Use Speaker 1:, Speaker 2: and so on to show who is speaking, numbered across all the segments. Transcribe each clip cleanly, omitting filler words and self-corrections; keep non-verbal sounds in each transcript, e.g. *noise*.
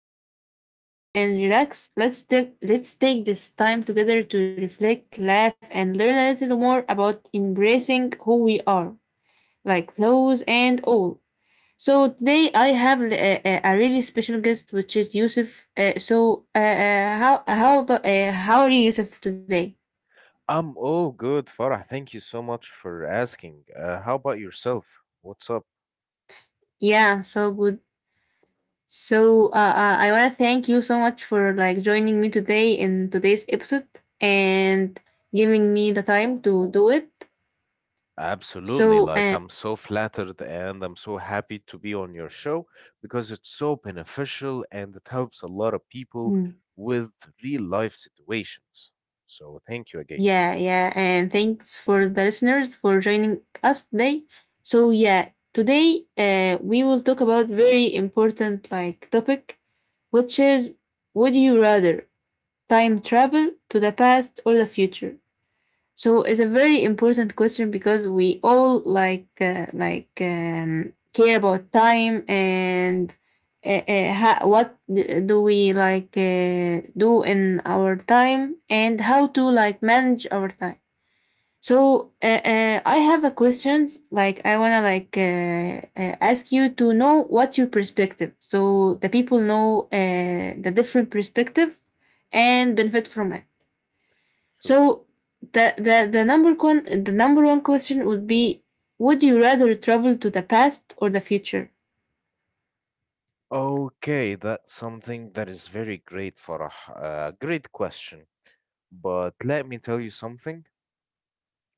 Speaker 1: coffee, get comfortable, and relax. Let's take this time together to reflect, laugh, and learn a little more about embracing who we are, like flaws and all. So today I have a really special guest, which is Yusuf. So how are you, Yusuf, today?
Speaker 2: I'm all good, Farah. Thank you so much for asking. How about yourself? What's up?
Speaker 1: Yeah, I'm so good. I want to thank you so much for like joining me today in today's episode and giving me the time to do it.
Speaker 2: Absolutely.
Speaker 1: So
Speaker 2: Like,
Speaker 1: uh,
Speaker 2: I'm so flattered and I'm so happy to be on your show because it's so beneficial and it helps a lot of people
Speaker 1: mm,
Speaker 2: with real life situations. So, thank you again.
Speaker 1: yeah, yeah, and thanks for the listeners for joining us today. So yeah, today we will talk about very important like topic, which is would you rather time travel to the past or the future? So it's a very important question because we all like care about time and do we like do in our time and how to like manage our time. So I have a questions like I wanna like ask you to know what's your perspective so the people know the different perspective and benefit from it. So
Speaker 2: Sure.
Speaker 1: the number one question would be: Would you rather travel to the past or the future?
Speaker 2: Okay, that's something that is very great, Farah. Great question. But let me tell you something.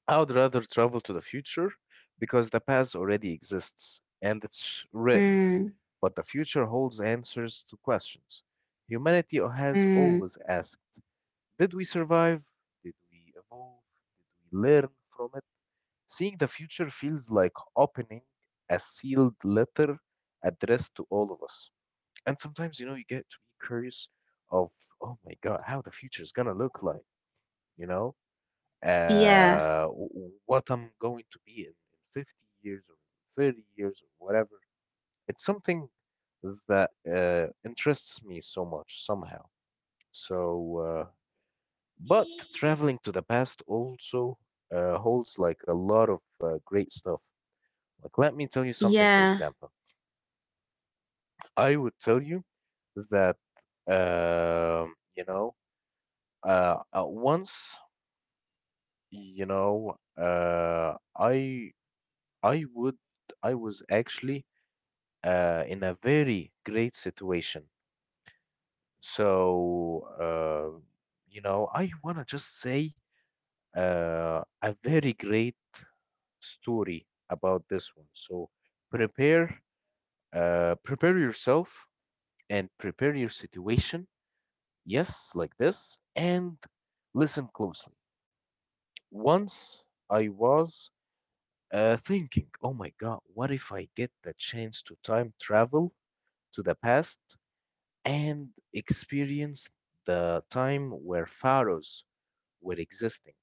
Speaker 2: I would rather travel to the future because the past already exists and it's written,
Speaker 1: Mm,
Speaker 2: but the future holds answers to questions. Humanity has
Speaker 1: mm,
Speaker 2: always asked, did we survive? Did we evolve? Did we learn from it? Seeing the future feels like opening a sealed letter addressed to all of us. And sometimes, you know, you get to be curious of, oh my God, how the future is going to look like, you know?
Speaker 1: yeah,
Speaker 2: What I'm going to be in 50 years or 30 years or whatever. It's something that interests me so much somehow. So, but traveling to the past also holds like a lot of great stuff. Like, let me tell you something, for
Speaker 1: yeah,
Speaker 2: example. I would tell you that, you know, once, you know, I would I was actually in a very great situation. So uh, you know, I wanna just say a very great story about this one. So prepare, prepare yourself and prepare your situation. Yes, like this, and listen closely. Once I was thinking, oh my God, what if I get the chance to time travel to the past and experienced the time where pharaohs were existing.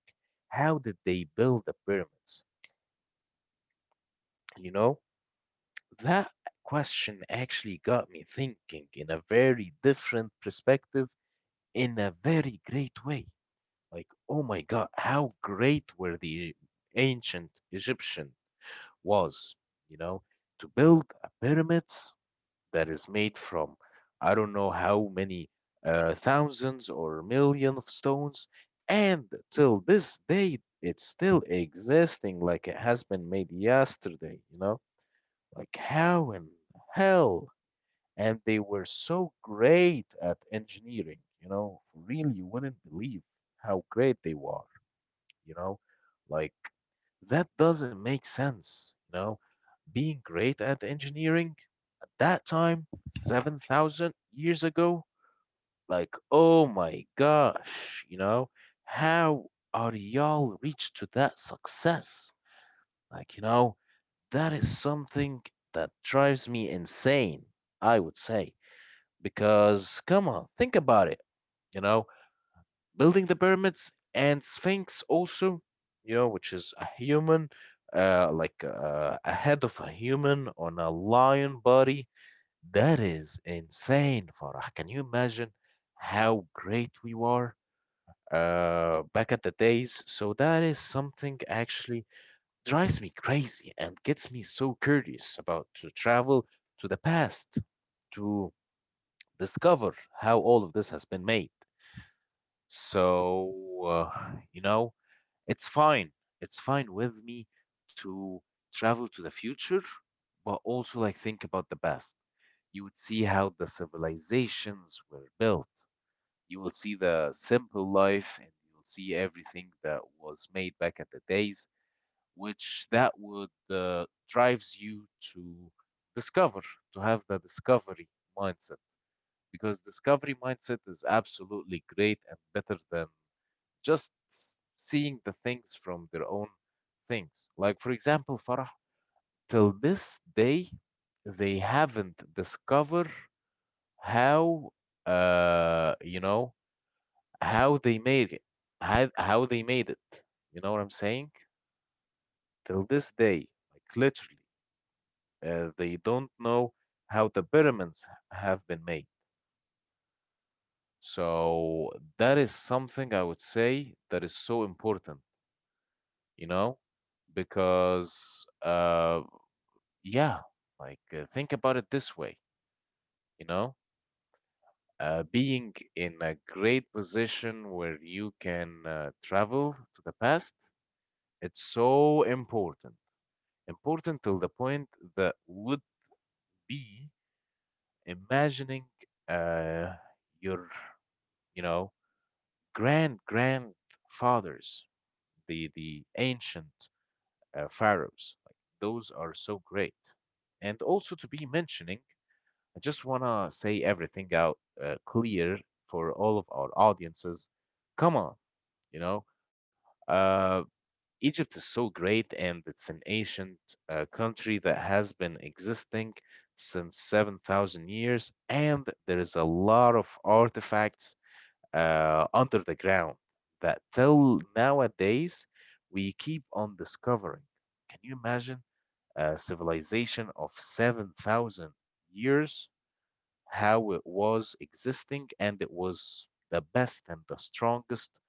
Speaker 2: How did they build the pyramids? You know, that question actually got me thinking in a very different perspective in a very great way. Like, oh my God, how great were the ancient Egyptian was, you know, to build a pyramids that is made from I don't know how many thousands or million of stones, and till this day it's still existing like it has been made yesterday, you know? Like how in hell? And they were so great at engineering, you know, for real you wouldn't believe how great they were, you know? Like that doesn't make sense, you know? Being great at engineering that time, 7,000 years ago? Like, oh my gosh, you know, how are y'all reached to that success? Like, you know, that is something that drives me insane, I would say. Because, come on, think about it. You know, building the pyramids and Sphinx also, you know, which is a human, a head of a human on a lion body that is insane, Farah. Can you imagine how great we were back at the days? So that is something actually drives me crazy and gets me so curious about to travel to the past to discover how all of this has been made. So, you know, it's fine. It's fine with me to travel to the future, but also like think about the past. You would see how the civilizations were built. You will see the simple life and you will see everything that was made back in the days, which that would drives you to discover, to have the discovery mindset. Because discovery mindset is absolutely great and better than just seeing the things from their own things. Like for example, Farah, till this day, they haven't discovered how you know how they made it how they made it, you know what I'm saying, till this day, like literally they don't know how the pyramids have been made. So that is something I would say that is so important, you know, because yeah, like think about it this way, you know, being in a great position where you can travel to the past. It's so important, important till the point that would be imagining uh, your, you know, grand grandfathers, the ancient pharaohs. Like those are so great, and also to be mentioning. I just wanna say everything out clear for all of our audiences. Come on, you know. Uh, Egypt is so great, and it's an ancient country that has been existing since 7,000 years, and there is a lot of artifacts under the ground that till nowadays we keep on discovering. Can you imagine a civilization of 7,000 years, how it was existing, and it was the best and the strongest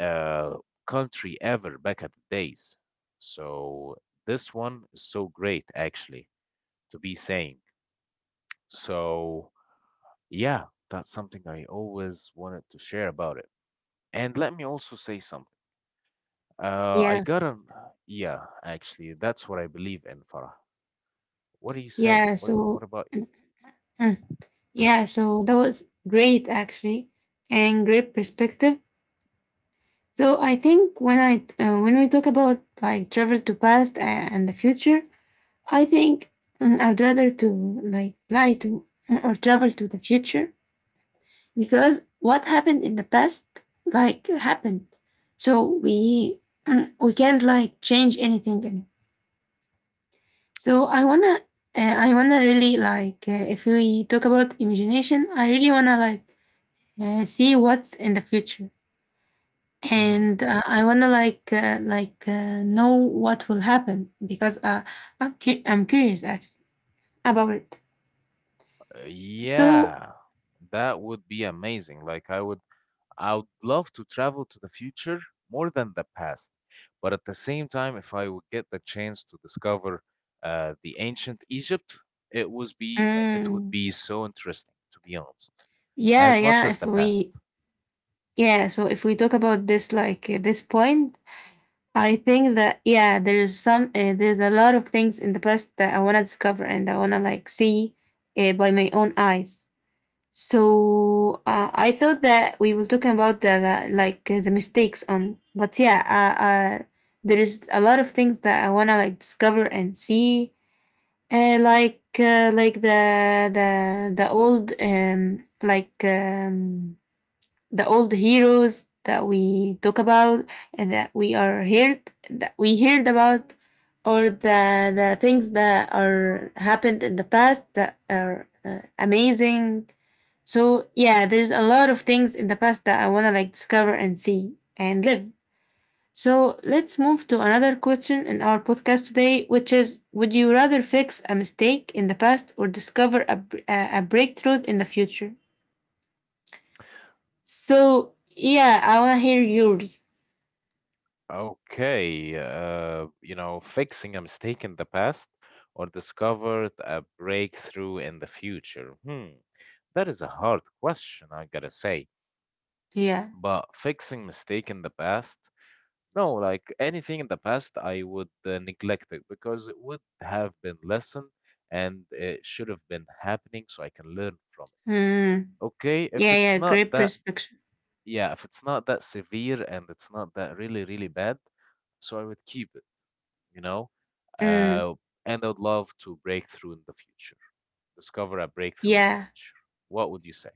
Speaker 2: uh, country ever back at the days. So this one is so great actually to be saying. So yeah, that's something I always wanted to share about it. And let me also say something.
Speaker 1: yeah,
Speaker 2: I got an yeah, actually, that's what I believe in, Farah. What do you say?
Speaker 1: yeah.
Speaker 2: What
Speaker 1: So
Speaker 2: about you?
Speaker 1: mm, yeah, so that was great actually, and great perspective. So I think when I when we talk about like travel to past and the future, I think I'd rather to like fly to or travel to the future because what happened in the past like happened so we *clears throat* we can't like change anything in it so I wanna really like if we talk about imagination I really wanna like see what's in the future
Speaker 2: Hmm.
Speaker 1: and I wanna like know what will happen because I'm curious actually about it
Speaker 2: Uh,
Speaker 1: so
Speaker 2: Yeah, that would be amazing. Like I would love to travel to the future more than the past. But at the same time, if I would get the chance to discover the ancient Egypt, it would
Speaker 1: mm,
Speaker 2: be so interesting, to be honest,
Speaker 1: yeah
Speaker 2: as much
Speaker 1: yeah
Speaker 2: as
Speaker 1: if
Speaker 2: the past.
Speaker 1: we yeah so if we talk about this like this point I think that yeah, there's some there's a lot of things in the past that I wanna discover and I wanna like see by my own eyes. So I thought that we were talking about the mistakes on, but yeah, there is a lot of things that I wanna like discover and see, like the old the old heroes that we talk about and that we heard about or the things that are happened in the past that are amazing so yeah there's a lot of things in the past that I want to like discover and see and live. So let's move to another question in our podcast today, which is would you rather fix a mistake in the past or discover a breakthrough in the future? So yeah, I want to hear yours.
Speaker 2: Okay, you know, fixing a mistake in the past or discovered a breakthrough in the future. Hmm, that is a hard question, I gotta say.
Speaker 1: Yeah.
Speaker 2: But fixing mistake in the past, no, like anything in the past, I would neglect it because it would have been lesson and it should have been happening so I can learn from it.
Speaker 1: Mm.
Speaker 2: Okay, if
Speaker 1: Yeah,
Speaker 2: it's
Speaker 1: yeah.
Speaker 2: not
Speaker 1: Great
Speaker 2: that,
Speaker 1: perspective.
Speaker 2: yeah, if it's not that severe and it's not that really, really bad, so I would keep it, you know,
Speaker 1: Mm.
Speaker 2: uh, and I would love to break through in the future, discover a breakthrough in the
Speaker 1: Yeah.
Speaker 2: future, what would you say?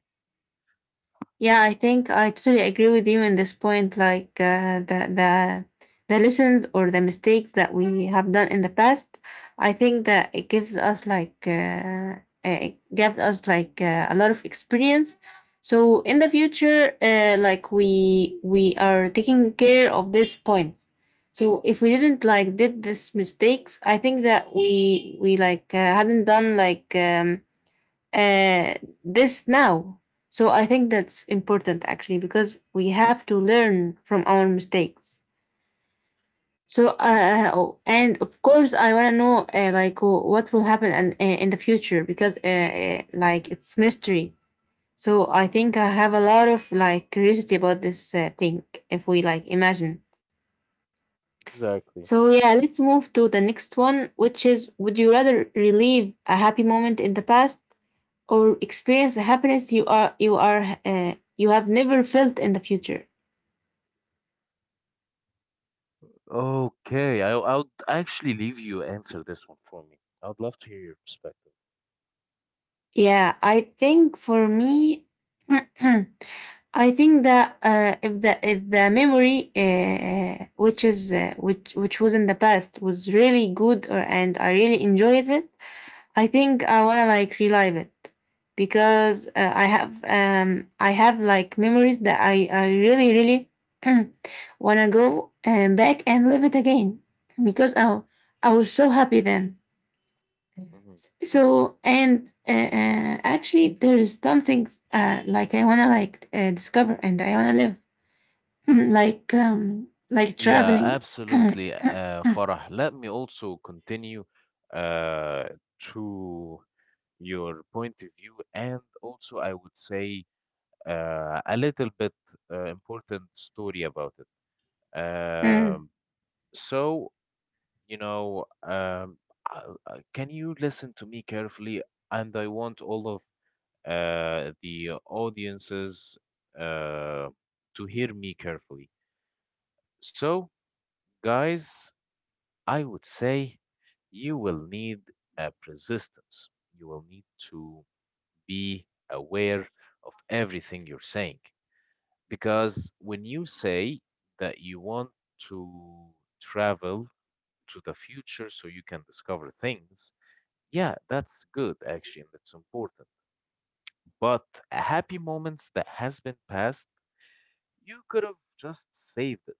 Speaker 1: Yeah, I think I totally agree with you in this point. Like the the lessons or the mistakes that we have done in the past, I think that it gives us like it gives us like a lot of experience. So in the future, like we are taking care of this point. So if we didn't like did this mistakes, I think that we like hadn't done like. Uh, this now. So I think that's important actually because we have to learn from our mistakes. So
Speaker 2: E-
Speaker 1: oh, and of course I want to know like what will happen and in the future because like it's mystery. So I think I have a lot of like curiosity about this thing if we like imagine. So
Speaker 2: Exactly.
Speaker 1: yeah, let's move to the next one, which is would you rather relive a happy moment in the past or experience a happiness you have never felt in the future.
Speaker 2: Okay, I'll actually leave you answer this one for me. I'd love to hear your perspective.
Speaker 1: Yeah, I think for me, *clears throat* I think that if the if the memory which was in the past was really good or and I really enjoyed it, I think I wanna like relive it because I have like memories that I really really *clears throat* wanna go and back and live it again because I was so happy then.
Speaker 2: Mhm.
Speaker 1: So and actually there is something like I wanna like discover and I wanna live *laughs* *clears throat* like
Speaker 2: Yeah,
Speaker 1: traveling. *clears throat*
Speaker 2: absolutely, Farah. Let me also continue uh, to your point of view, and also I would say a little bit important story about it.
Speaker 1: Mm,
Speaker 2: Um, so, you know, can you listen to me carefully? And I want all of the audiences uh, to hear me carefully. So, guys, I would say you will need a persistence. You will need to be aware of everything you're saying. Because when you say that you want to travel to the future so you can discover things, yeah, that's good actually, and that's important. But happy moments that has been passed, you could have just saved it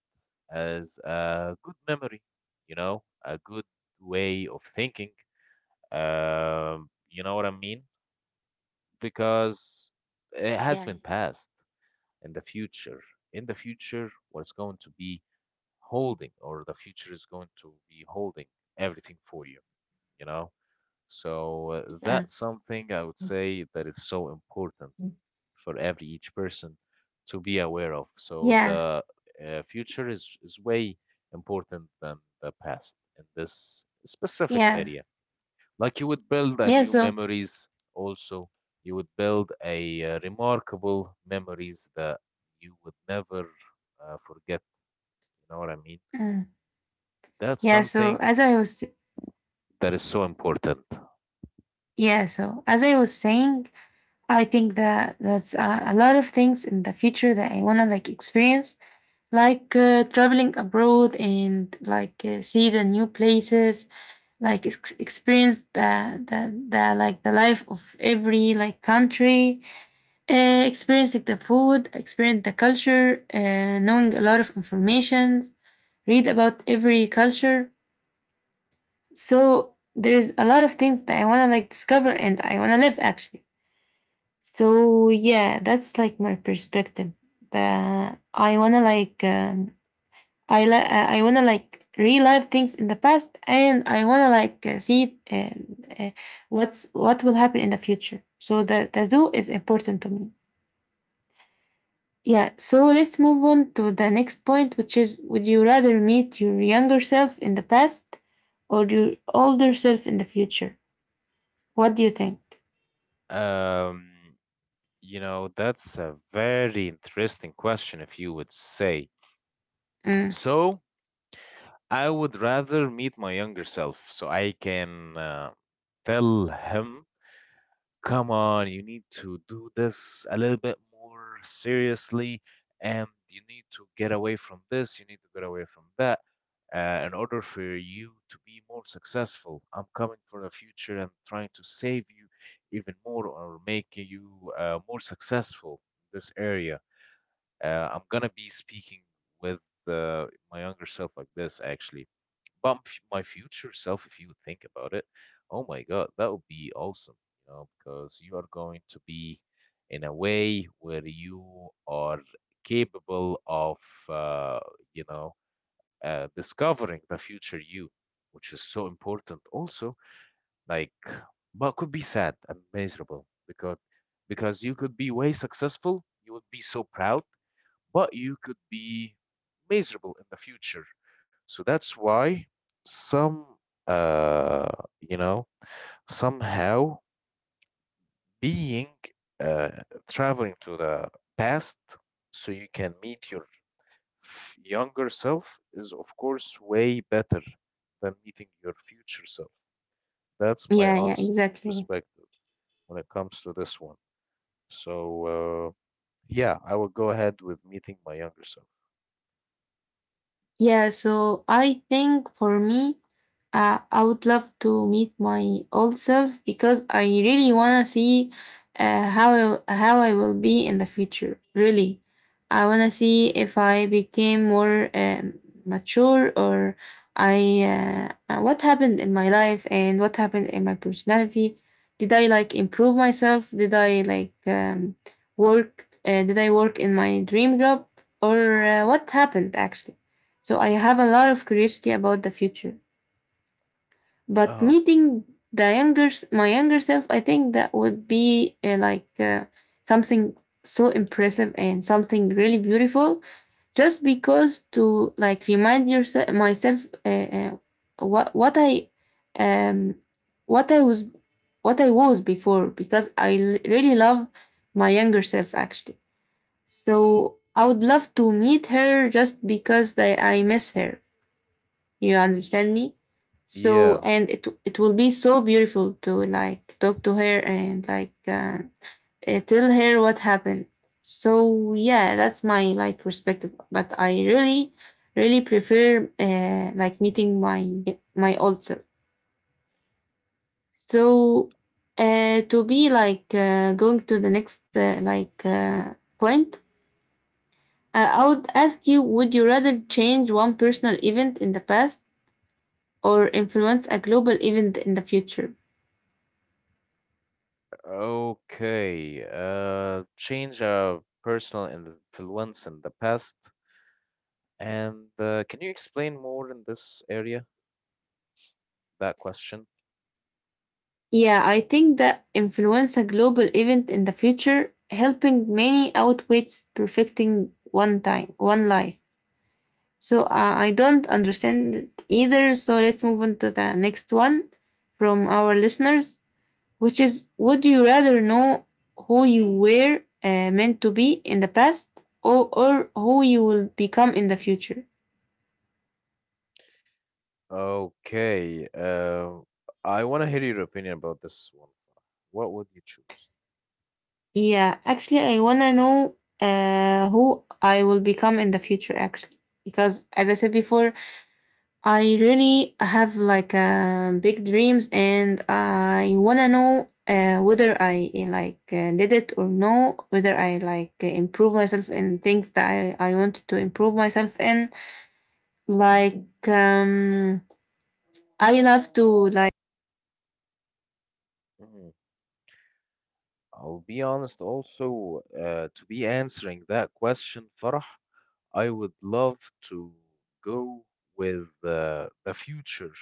Speaker 2: as a good memory, you know, a good way of thinking. You know what I mean? Because it has
Speaker 1: yeah
Speaker 2: been passed in the future. In the future, what's going to be holding or the future is going to be holding everything for you, you know.
Speaker 1: yeah
Speaker 2: That's something I would say that is so important for every each person to be aware of. So
Speaker 1: yeah
Speaker 2: the future is way important than the past in this specific
Speaker 1: yeah
Speaker 2: area. Like you would build a
Speaker 1: yeah
Speaker 2: new
Speaker 1: so.
Speaker 2: memories, also you would build a remarkable memories that you would never forget, you know what I mean?
Speaker 1: Mm.
Speaker 2: That's
Speaker 1: Yeah, so
Speaker 2: something
Speaker 1: as I was
Speaker 2: that is so important.
Speaker 1: yeah, so as I was saying, I think that that's a lot of things in the future that I wanna like experience, like traveling abroad and like see the new places, like experience the like the life of every like country, experience like the food, experience the culture, knowing a lot of information, read about every culture. So there's a lot of things that I want to like discover and I want to live actually. So yeah, that's like my perspective. But I want to like I want to like relive things in the past and I want to like see uh, what's what will happen in the future. So the do is important to me. Yeah, so let's move on to the next point, which is would you rather meet your younger self in the past or your older self in the future? What do you think?
Speaker 2: Um, you know, that's a very interesting question, if you would say.
Speaker 1: Mm.
Speaker 2: So, I would rather meet my younger self so I can tell him, come on, you need to do this a little bit more seriously, and you need to get away from this, you need to get away from that, in order for you to be more successful. I'm coming for the future and trying to save you even more or make you more successful in this area. I'm gonna be speaking with uh, my younger self like this, actually about my future self, if you would think about it, oh my God, that would be awesome, you know, because you are going to be in a way where you are capable of, uh, you know, discovering the future you, which is so important also. Like, but could be sad and miserable because you could be way successful, you would be so proud, but you could be miserable in the future. So that's why some, uh, you know, somehow being uh, traveling to the past so you can meet your younger self is, of course, way better than meeting your future self. That's my
Speaker 1: Yeah, yeah,
Speaker 2: honest
Speaker 1: exactly.
Speaker 2: perspective when it comes to this one. So, uh, yeah, I will go ahead with meeting my younger self.
Speaker 1: Yeah, so I think for me, I would love to meet my old self because I really wanna see how I will be in the future. Really, I wanna see if I became more mature or I what happened in my life and what happened in my personality. Did I like improve myself? Did I like work? Did I work in my dream job or what happened actually? So I have a lot of curiosity about the future. But
Speaker 2: Oh,
Speaker 1: meeting my younger self, I think that would be something so impressive and something really beautiful. Just because to like remind yourself myself uh, uh, what I um what I was what I was before because I really love my younger self actually. So I would love to meet her just because I miss her. You understand me? So
Speaker 2: yeah.
Speaker 1: and it will be so beautiful to like talk to her and like tell her what happened. So yeah, that's my like perspective. But I really really prefer like meeting my old self. So to be like going to the next point, I would ask you: Would you rather change one personal event in the past or influence a global event in the future?
Speaker 2: Okay, change a personal influence in the past. And can you explain more in this area, that question?
Speaker 1: Yeah, I think that influence a global event in the future, helping many outweighs perfecting one time, one life. So I don't understand it either. So let's move on to the next one from our listeners, which is would you rather know who you were meant to be in the past or who you will become in the future?
Speaker 2: Okay, I want to hear your opinion about this one. What would you choose?
Speaker 1: Yeah, actually, I want to know who I will become in the future, actually. Because as I said before, I really have like big dreams, and I wanna know whether I did it or no, whether I like improve myself in things that I want to improve myself in. Like I love to like
Speaker 2: I'll be honest also, to be answering that question, Farah, I would love to go with the future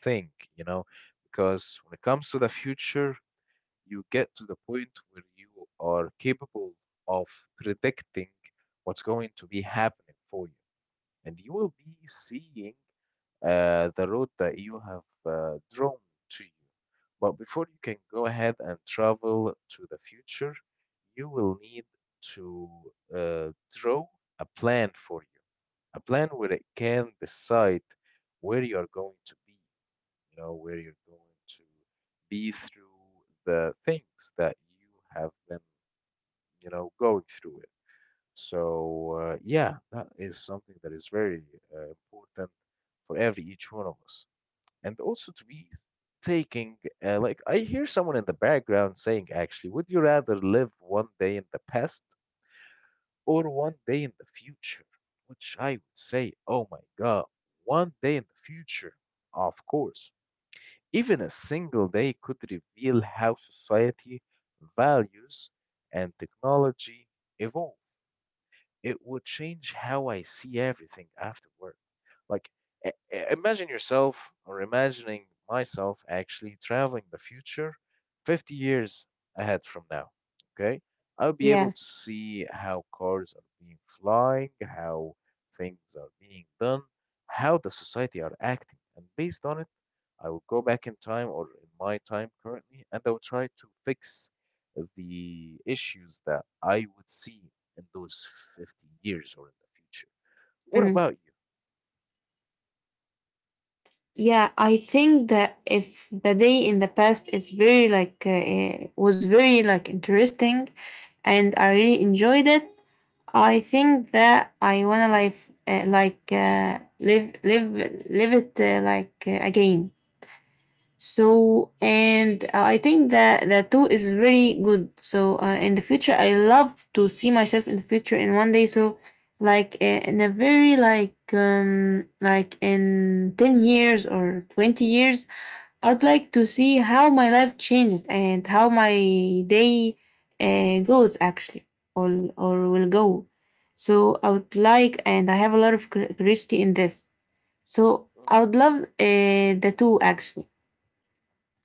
Speaker 2: thing, you know, because when it comes to the future, you get to the point where you are capable of predicting what's going to be happening for you. And you will be seeing the road that you have drawn to you. But before you can go ahead and travel to the future, you will need to uh, draw a plan for you, a plan where it can decide where you are going to be, you know, where you're going to be through the things that you have been, you know, going through it. So, yeah, that is something that is very important for every each one of us. And also to be taking, like, I hear someone in the background saying, actually, would you rather live one day in the past or one day in the future, which I would say, oh my God, one day in the future, of course. Even a single day could reveal how society values and technology evolve. It would change how I see everything afterward. Like, imagine yourself or imagining myself actually traveling the future 50 years ahead from now. Okay. I'll be able
Speaker 1: yeah.
Speaker 2: to see how cars are being flying, how things are being done, how the society are acting. And based on it, I will go back in time or in my time currently, and I will try to fix the issues that I would see in those 50 years or in the future. What
Speaker 1: Mm.
Speaker 2: about you?
Speaker 1: Yeah, I think that if the day in the past is very like was very like interesting, and I really enjoyed it, I think that I wanna life live live it again. So, and I think that the two is really good. So, in the future, I love to see myself in the future in one day. So, in a very like in 10 years or 20 years, I'd like to see how my life changed and how my day goes actually, or or will go. So I would like, and I have a lot of curiosity in this. So I
Speaker 2: Mhm.
Speaker 1: would love the two actually,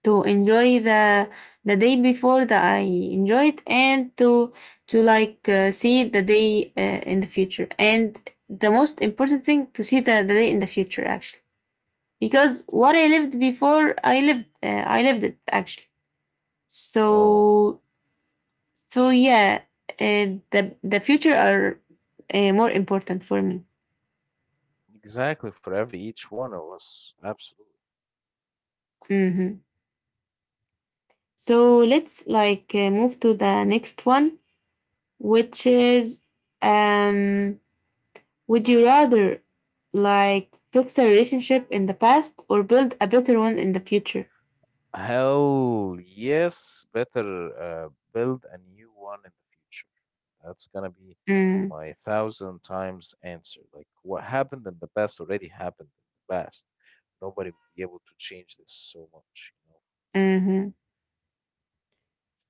Speaker 1: to enjoy the day before that I enjoyed, and to see the day in the future, and the most important thing, to see the day in the future actually, because what I lived before, I lived it actually.
Speaker 2: Oh.
Speaker 1: so so yeah, uh, the future are more important for me.
Speaker 2: Exactly, for every each one of us. Absolutely.
Speaker 1: Hmm. So let's move to the next one, which is um would you rather fix a relationship in the past or build a better one in the future?
Speaker 2: Hell yes, better build a new one in the future. That's gonna be
Speaker 1: Mm.
Speaker 2: my thousand times answer. Like what happened in the past already happened in the past. Nobody will be able to change this so much, you know.
Speaker 1: Hmm.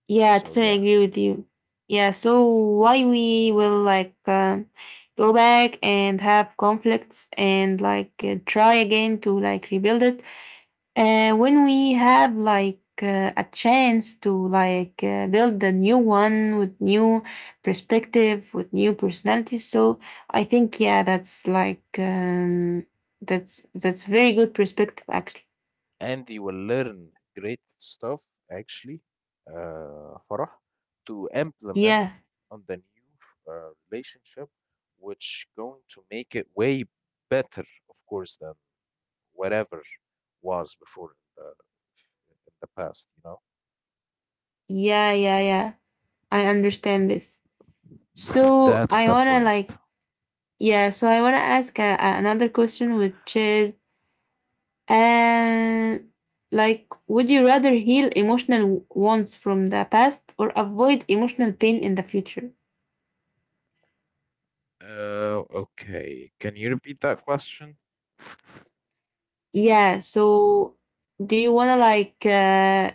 Speaker 1: Yeah, I
Speaker 2: So yeah,
Speaker 1: totally agree with you. Yeah, so why we will go back and have conflicts and try again to like rebuild it when we have a chance to build a new one with new perspective, with new personalities. So I think, yeah, that's very good perspective actually.
Speaker 2: and they will learn great stuff actually, Farah, to implement
Speaker 1: Yeah,
Speaker 2: on the new relationship, which going to make it way better, of course, than whatever was before in the past, you know.
Speaker 1: yeah, yeah, yeah, I understand this. So
Speaker 2: That's
Speaker 1: I
Speaker 2: the
Speaker 1: wanna
Speaker 2: point.
Speaker 1: like, yeah, so I wanna ask another question, which is, and like, would you rather heal emotional wounds from the past or avoid emotional pain in the future?
Speaker 2: Okay. Can you repeat that question?
Speaker 1: Yeah, so do you wanna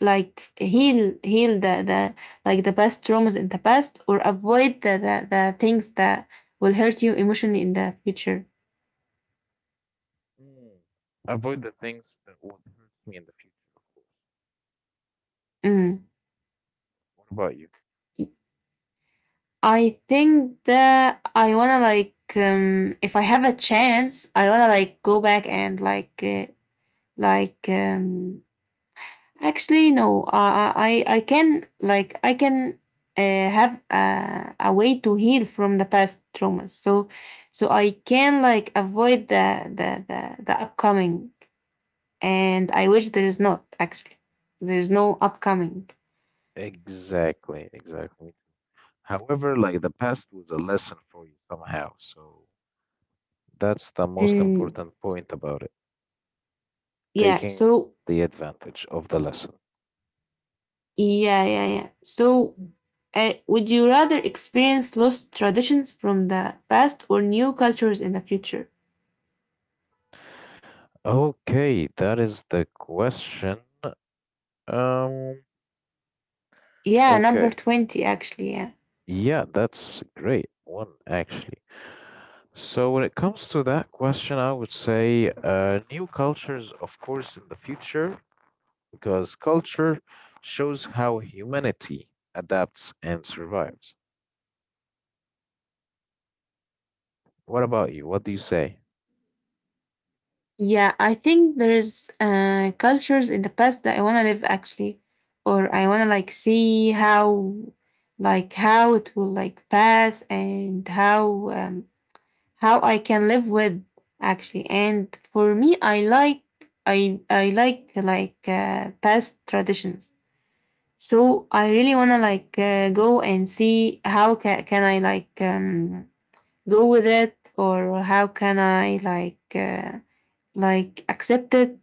Speaker 1: like heal the like the past traumas in the past, or avoid the things that will hurt you emotionally in the future?
Speaker 2: Mm. Avoid the things that would hurt me in the future, of course.
Speaker 1: Mm.
Speaker 2: What about you?
Speaker 1: I think that I wanna if I have a chance, I wanna like go back and like um actually, no. I can like, I can have a way to heal from the past traumas. So so I can like avoid the upcoming. And I wish there is not actually. There is no upcoming.
Speaker 2: Exactly, exactly. However, like the past was a lesson for you somehow, so that's the most
Speaker 1: Mm.
Speaker 2: important point about it.
Speaker 1: Yeah.
Speaker 2: Taking
Speaker 1: So
Speaker 2: the advantage of the lesson.
Speaker 1: yeah, yeah, yeah. So. Would you rather experience lost traditions from the past or new cultures in the future?
Speaker 2: Okay, that is the question. Um,
Speaker 1: Yeah, number
Speaker 2: okay.
Speaker 1: 20, actually. Yeah.
Speaker 2: Yeah, that's a great one actually. So when it comes to that question, I would say new cultures, of course, in the future, because culture shows how humanity adapts and survives. What about you? What do you say?
Speaker 1: Yeah, I think there is cultures in the past that I want to live actually, or I want to like see how, like how it will like pass and how I can live with actually. And for me, I like, I like past traditions. So I really want to go and see how can I go with it, or how can I like accept it.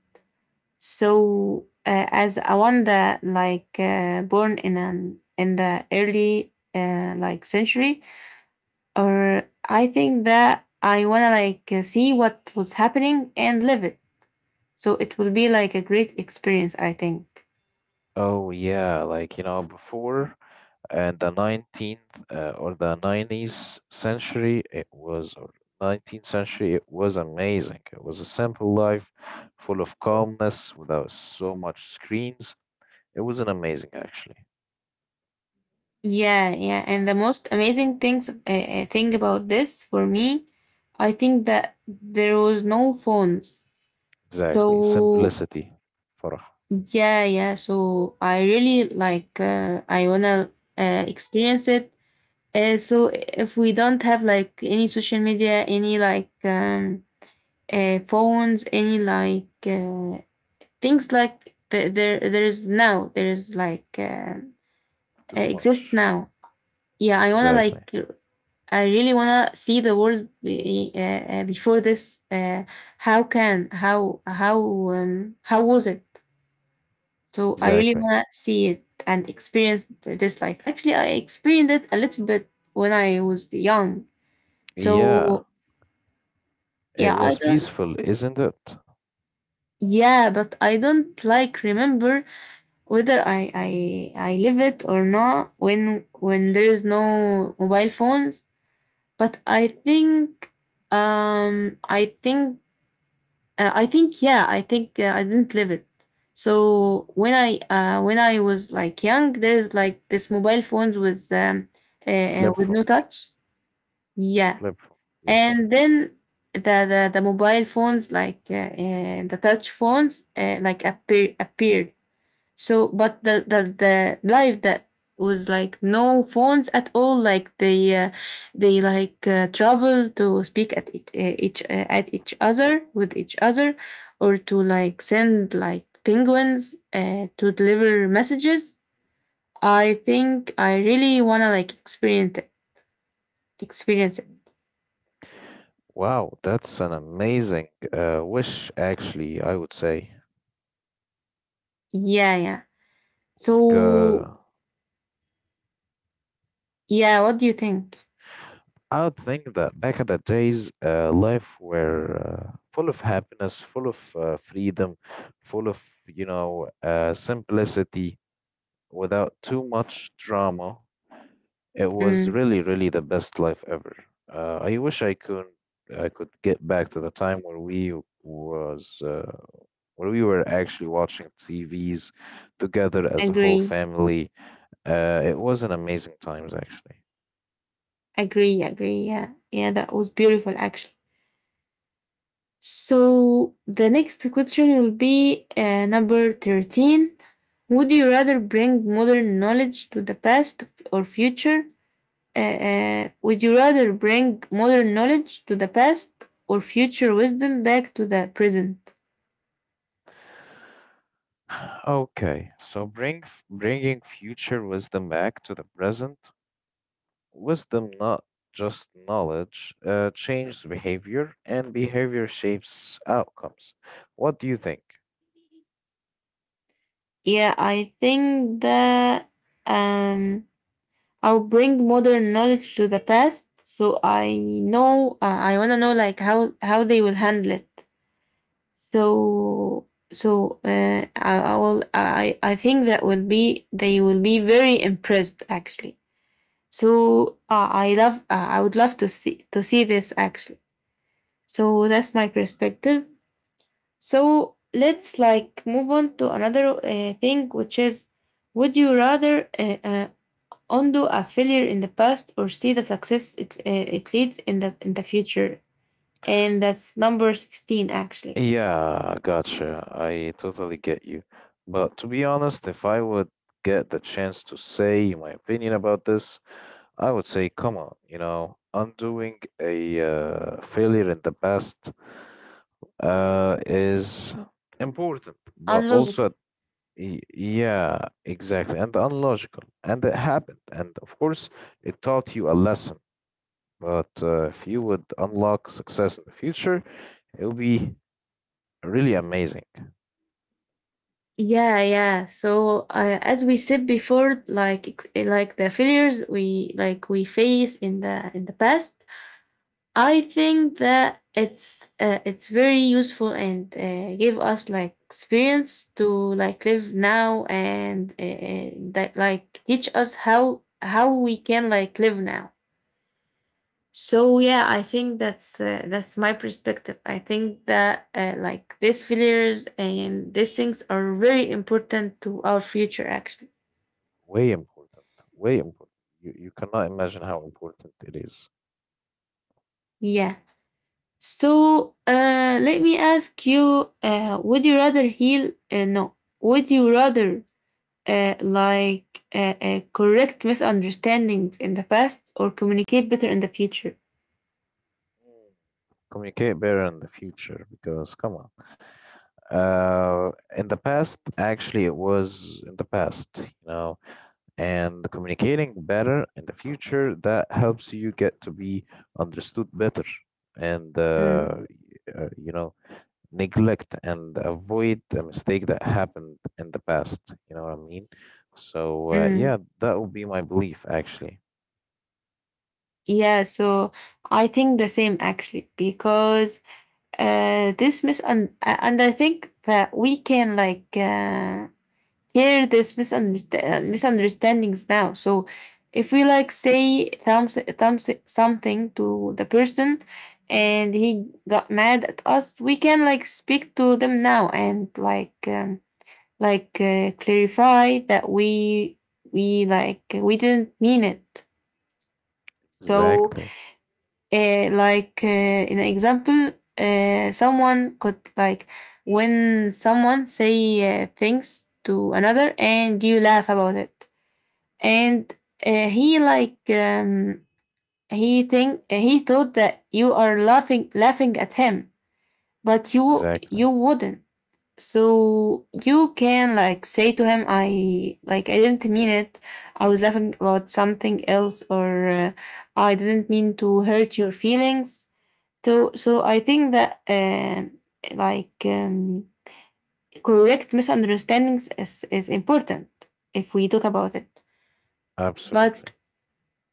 Speaker 1: So, as a wonder, born in an in the early like century, or I think that I wanna see what was happening and live it. So it will be like a great experience, I think.
Speaker 2: Oh yeah, like you know, before and the 19th or the 90s century, it was, or 19th century, it was amazing. It was a simple life full of calmness without so much screens. It was an amazing actually.
Speaker 1: Yeah, yeah. And the most amazing thing about this for me, I think that there was no phones.
Speaker 2: Exactly.
Speaker 1: So
Speaker 2: Simplicity, Farah.
Speaker 1: yeah, yeah. So I really like, I wanna experience it. So if we don't have like any social media, any phones, any things like there is now, there is
Speaker 2: Too
Speaker 1: exist
Speaker 2: much.
Speaker 1: now. Yeah, I wanna
Speaker 2: Exactly.
Speaker 1: like, I really wanna see the world before this. How can, how, how was it? So I really
Speaker 2: Exactly.
Speaker 1: want to see it and experience this life. Actually, I experienced it a little bit when I was young.
Speaker 2: Yeah,
Speaker 1: So
Speaker 2: it
Speaker 1: yeah, I
Speaker 2: was
Speaker 1: don't.
Speaker 2: peaceful, isn't it?
Speaker 1: Yeah, but I don't like remember whether I live it or not, when when there is no mobile phones. But I think, I think, uh, I think, yeah, I think I didn't live it. So when I was like young, there's like this mobile phones
Speaker 2: Flip
Speaker 1: with
Speaker 2: phone.
Speaker 1: no touch. Yeah,
Speaker 2: Flip phone. Yes.
Speaker 1: and then the mobile phones the touch phones like appeared. So, but the life that was like no phones at all. Like they travel to speak at it, each at each other, with each other, or to like send like penguins to deliver messages. I think I really wanna like experience experience it.
Speaker 2: Wow, that's an amazing wish, actually, I would say.
Speaker 1: Yeah, yeah.
Speaker 2: Because
Speaker 1: So yeah, what do you think?
Speaker 2: I would think that back in the days, life were full of happiness, full of freedom, full of, you know, simplicity without too much drama. It was
Speaker 1: Mm.
Speaker 2: really, really the best life ever. I wish I could get back to the time where we was where we were actually watching TVs together as a whole
Speaker 1: Agree,
Speaker 2: family. It was an amazing times actually.
Speaker 1: agree, agree. Yeah, yeah. That was beautiful, actually. So the next question will be number 13. Would you rather bring modern knowledge to the past or future? Would you rather bring modern knowledge to the past or future wisdom back to the present?
Speaker 2: Okay, so bringing future wisdom back to the present. Wisdom, not just knowledge, changes behavior, and behavior shapes outcomes. What do you think?
Speaker 1: Yeah, I think that, um, I'll bring modern knowledge to the past, so I know, I want to know like how they will handle it.
Speaker 2: Mm.
Speaker 1: So so I will, I think that will be, they will be very impressed actually. So I love, I would love to see this actually. So that's my perspective. So let's like move on to another thing, which is, would you rather undo a failure in the past or see the success it leads in the future? And that's number 16 actually.
Speaker 2: Yeah, gotcha. I totally get you. But to be honest, if I would get the chance to say my opinion about this, I would say, come on, you know, undoing a failure in the past is important, but
Speaker 1: Unlogical.
Speaker 2: also yeah, exactly, and unlogical, and it happened, and of course, it taught you a lesson. But if you would unlock success in the future, it would be really amazing,
Speaker 1: Yeah, yeah. So as we said before, like the failures we like we face in the past, I think that it's very useful and give us like experience to like live now and that like teach us how we can like live now. So yeah, I think that's my perspective. I think that like these failures and these things are very important to our future. Actually,
Speaker 2: way important, way important. You cannot imagine how important it is.
Speaker 1: yeah. So let me ask you: would you rather heal? No, would you rather correct misunderstandings in the past or communicate better in the future?
Speaker 2: Mm. Communicate better in the future because come on, uh in the past actually it was in the past, you know, and communicating better in the future, that helps you get to be understood better, and
Speaker 1: Mm.
Speaker 2: you know, neglect and avoid the mistake that happened in the past, you know what I mean. So,
Speaker 1: Mm.
Speaker 2: yeah, that would be my belief actually.
Speaker 1: Yeah. So I think the same actually, because this misun and I think that we can hear this misunderstandings now. So if we like say thumbs something to the person, and he got mad at us, we can like speak to them now and clarify that we, we didn't mean it. So
Speaker 2: Exactly,
Speaker 1: in an example, someone could like when someone say things to another and you laugh about it, and he he thought that you are laughing at him, but you
Speaker 2: exactly.
Speaker 1: wouldn't. So you can like say to him, I like, I didn't mean it, I was laughing about something else, or I didn't mean to hurt your feelings. So so I think that like um, correct misunderstandings is important, if we talk about it.
Speaker 2: Absolutely.
Speaker 1: But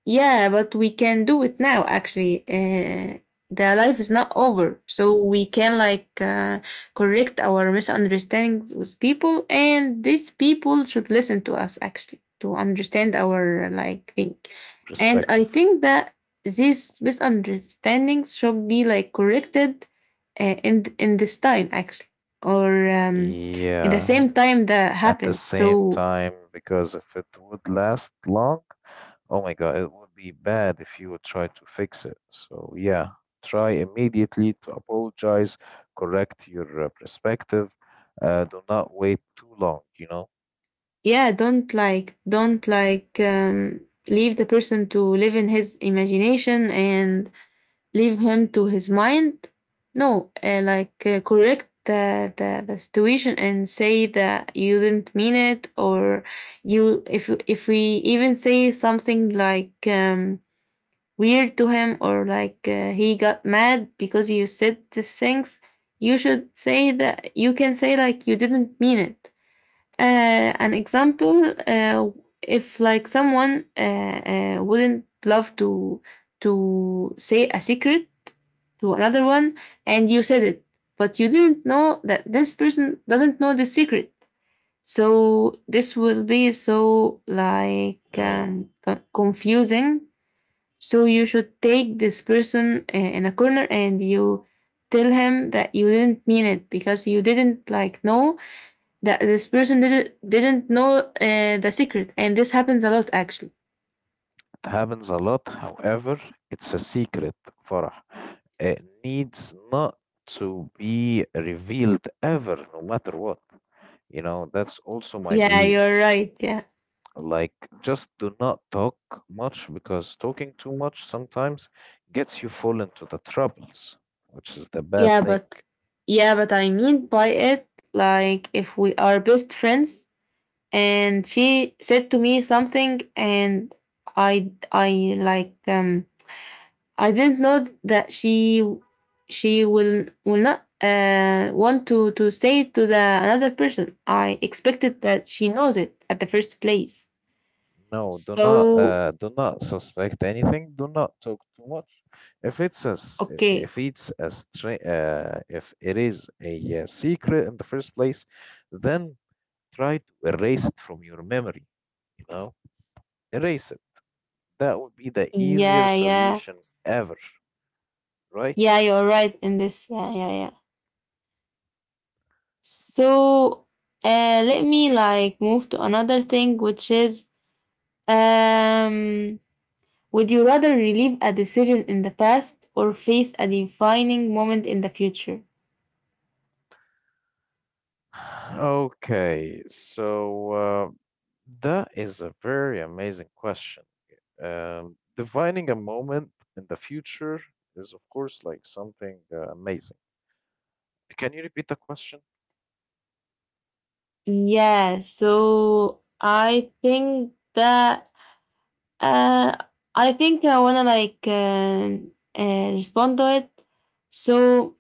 Speaker 1: yeah, but we can do it now, actually. The life is not over. So we can correct our misunderstandings with people, and these people should listen to us actually, to understand our like thing. And
Speaker 2: Perspective.
Speaker 1: I think that these misunderstandings should be like corrected in this time actually, or in the
Speaker 2: Yeah.
Speaker 1: same time that
Speaker 2: At the
Speaker 1: happened.
Speaker 2: same
Speaker 1: So
Speaker 2: time, because if it would last long, oh my God, it would be bad if you would try to fix it. So, yeah, try immediately to apologize, correct your perspective. Do not wait too long, you know.
Speaker 1: yeah, don't like, don't leave the person to live in his imagination and leave him to his mind. No, correct the situation and say that you didn't mean it, or you, if we even say something weird to him, or he got mad because you said these things, you should say that you can say like, you didn't mean it. Uh, an example, if like someone wouldn't love to say a secret to another one, and you said it, but you didn't know that this person doesn't know the secret. So this will be so
Speaker 2: Oh,
Speaker 1: confusing. So you should take this person in a corner, and you tell him that you didn't mean it, because you didn't like know that this person didn't know the secret, and this happens a lot actually.
Speaker 2: it happens a lot. However, it's a secret, Farah. It needs not to be revealed ever, no matter what. You know, that's also my
Speaker 1: Yeah,
Speaker 2: belief.
Speaker 1: you're right, yeah.
Speaker 2: Like, just do not talk much because talking too much sometimes gets you fall into the troubles, which is the bad
Speaker 1: Yeah,
Speaker 2: thing.
Speaker 1: but, yeah, but I mean by it, like, if we are best friends and she said to me something, and i i like um I didn't know that she, will not want to say it to the another person, I expected that she knows it at the first place.
Speaker 2: No,
Speaker 1: So
Speaker 2: do not suspect anything. Do not talk too much. If it's a, s- I-
Speaker 1: okay.
Speaker 2: if it's a stra if it is a, secret in the first place, then try to erase it from your memory, you know? Erase it. That would be the easier
Speaker 1: Yeah, yeah.
Speaker 2: solution ever, right?
Speaker 1: Yeah, you're right in this. Yeah, yeah, yeah. So, let me like move to another thing, which is, um, would you rather relive a decision in the past or face a defining moment in the future?
Speaker 2: Okay, so that is a very amazing question. Defining a moment in the future is, of course, like something amazing. Can you repeat the question?
Speaker 1: Yeah, so I think that, uh, I think I wanna respond to it. So,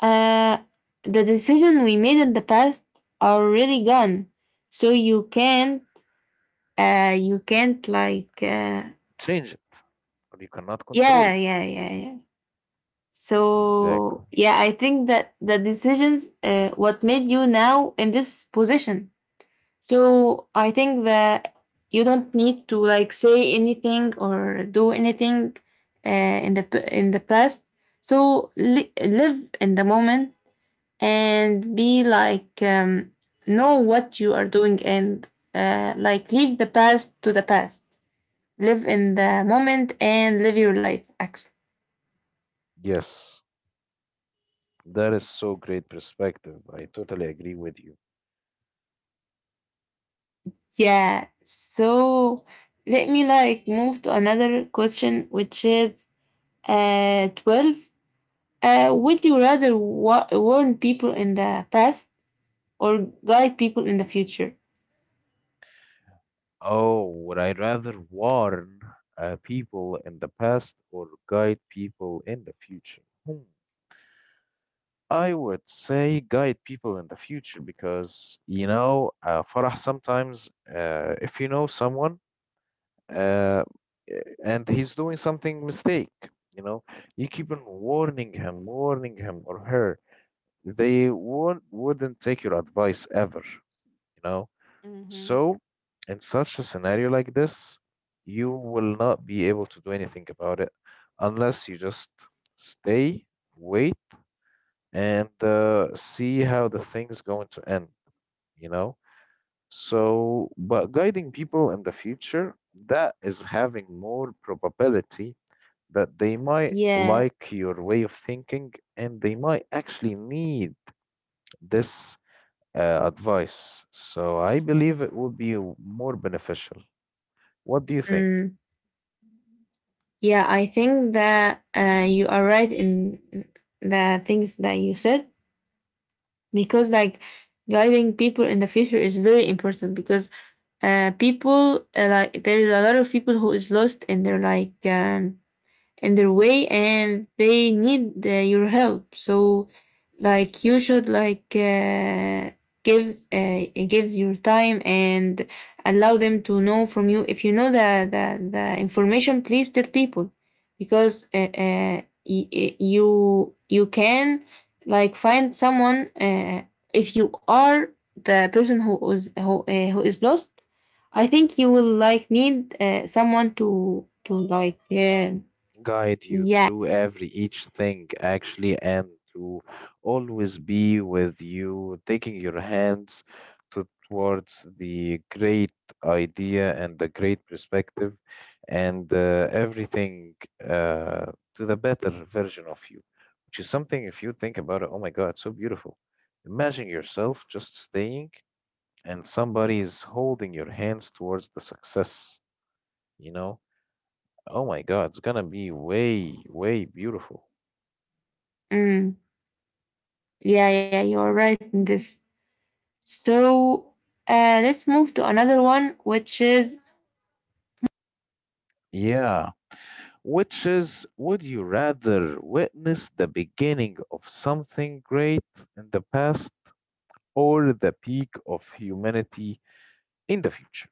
Speaker 1: uh, the decision we made in the past are really gone. So you can't like,
Speaker 2: Change it, or you cannot control
Speaker 1: yeah,
Speaker 2: it.
Speaker 1: yeah, yeah, yeah.
Speaker 2: Exactly.
Speaker 1: So yeah, I think that the decisions, what made you now in this position. So I think that you don't need to like say anything or do anything, in the past. So live in the moment, and be know what you are doing, and like leave the past to the past. Live in the moment and live your life actually.
Speaker 2: Yes, that is so great perspective. I totally agree with you.
Speaker 1: Yeah, so let me like move to another question, which is 12. Uh, would you rather warn people in the past or guide people in the future?
Speaker 2: Oh, would I rather warn people in the past or guide people in the future? Hmm. I would say guide people in the future because you know, Farah, sometimes if you know someone uh, and he's doing something mistake, you know, you keep on warning him or her, they won't wouldn't take your advice ever, you know.
Speaker 1: Hmm.
Speaker 2: So in such a scenario like this, you will not be able to do anything about it unless you just stay, wait, and see how the thing's going to end, you know? So, but guiding people in the future, that is having more probability that they might
Speaker 1: Yeah.
Speaker 2: like your way of thinking and they might actually need this advice. So, I believe it would be more beneficial. What do you think?
Speaker 1: Mm. Yeah, I think that you are right in the things that you said, because, like, guiding people in the future is very important, because people, like there is a lot of people who is lost in their in their way, and they need your help. So like you should gives your time and allow them to know from you. If you know the information, please tell people, because you you can like find someone if you are the person who is who is lost. I think you will like need someone to like
Speaker 2: Guide you
Speaker 1: yeah.
Speaker 2: through every each thing actually, and to always be with you, taking your hands to, towards the great idea and the great perspective and everything, uh, to the better version of you, which is something if you think about it, oh my God, so beautiful. Imagine yourself just staying and somebody is holding your hands towards the success, you know. Oh my God, it's gonna be way, way beautiful.
Speaker 1: Mm, yeah, yeah, you're right in this. So let's move to another one, which is,
Speaker 2: Yeah, which is, would you rather witness the beginning of something great in the past or the peak of humanity in the future?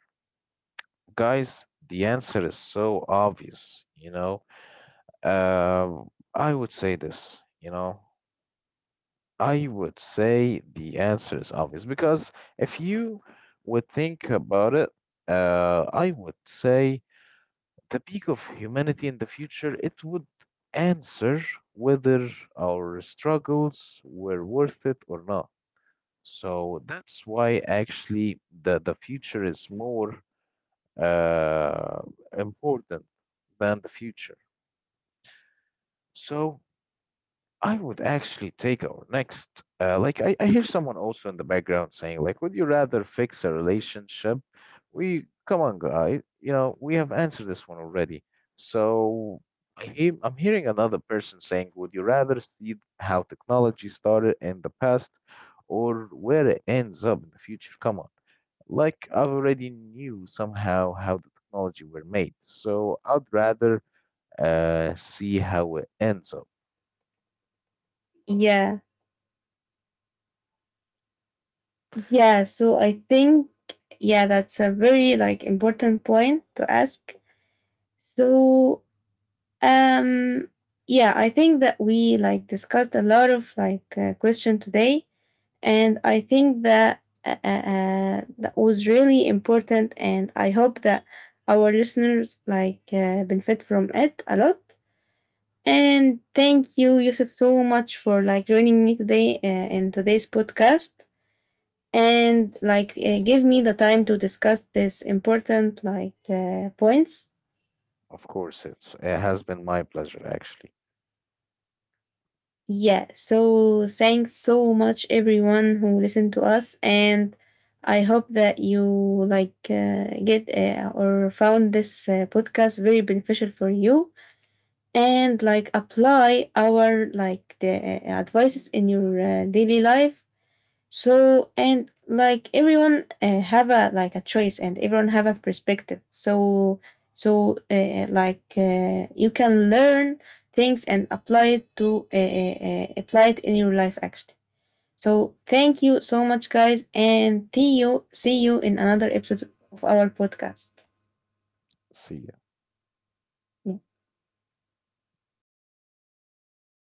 Speaker 2: Guys, the answer is so obvious, you know. I would say this, you know, I would say the answer is obvious because if you would think about it, I would say the peak of humanity in the future, it would answer whether our struggles were worth it or not. So that's why actually the future is more uh, important than the future. So I would actually take our next. Like I hear someone also in the background saying, like, would you rather fix a relationship? We come on, guy. You know, we have answered this one already. So I'm hearing another person saying, would you rather see how technology started in the past or where it ends up in the future? Come on. Like I've already knew somehow how the technology were made. So I'd rather see how it ends up.
Speaker 1: yeah. Yeah. So I think, yeah, that's a very like important point to ask. So, um, yeah, I think that we like discussed a lot of question today, and I think that that was really important, and I hope that our listeners benefit from it a lot. And thank you, Yusuf, so much for like joining me today in today's podcast, and give me the time to discuss this important points.
Speaker 2: Of course, it has been my pleasure actually.
Speaker 1: Yeah, so thanks so much, everyone who listened to us, and I hope that you like get or found this podcast very beneficial for you, and like apply our like the advices in your daily life. So, and like everyone have a like a choice, and everyone have a perspective. So so you can learn things and apply it to apply it in your life actually. So thank you so much, guys, and see you in another episode of our podcast.
Speaker 2: See you.
Speaker 1: Yeah.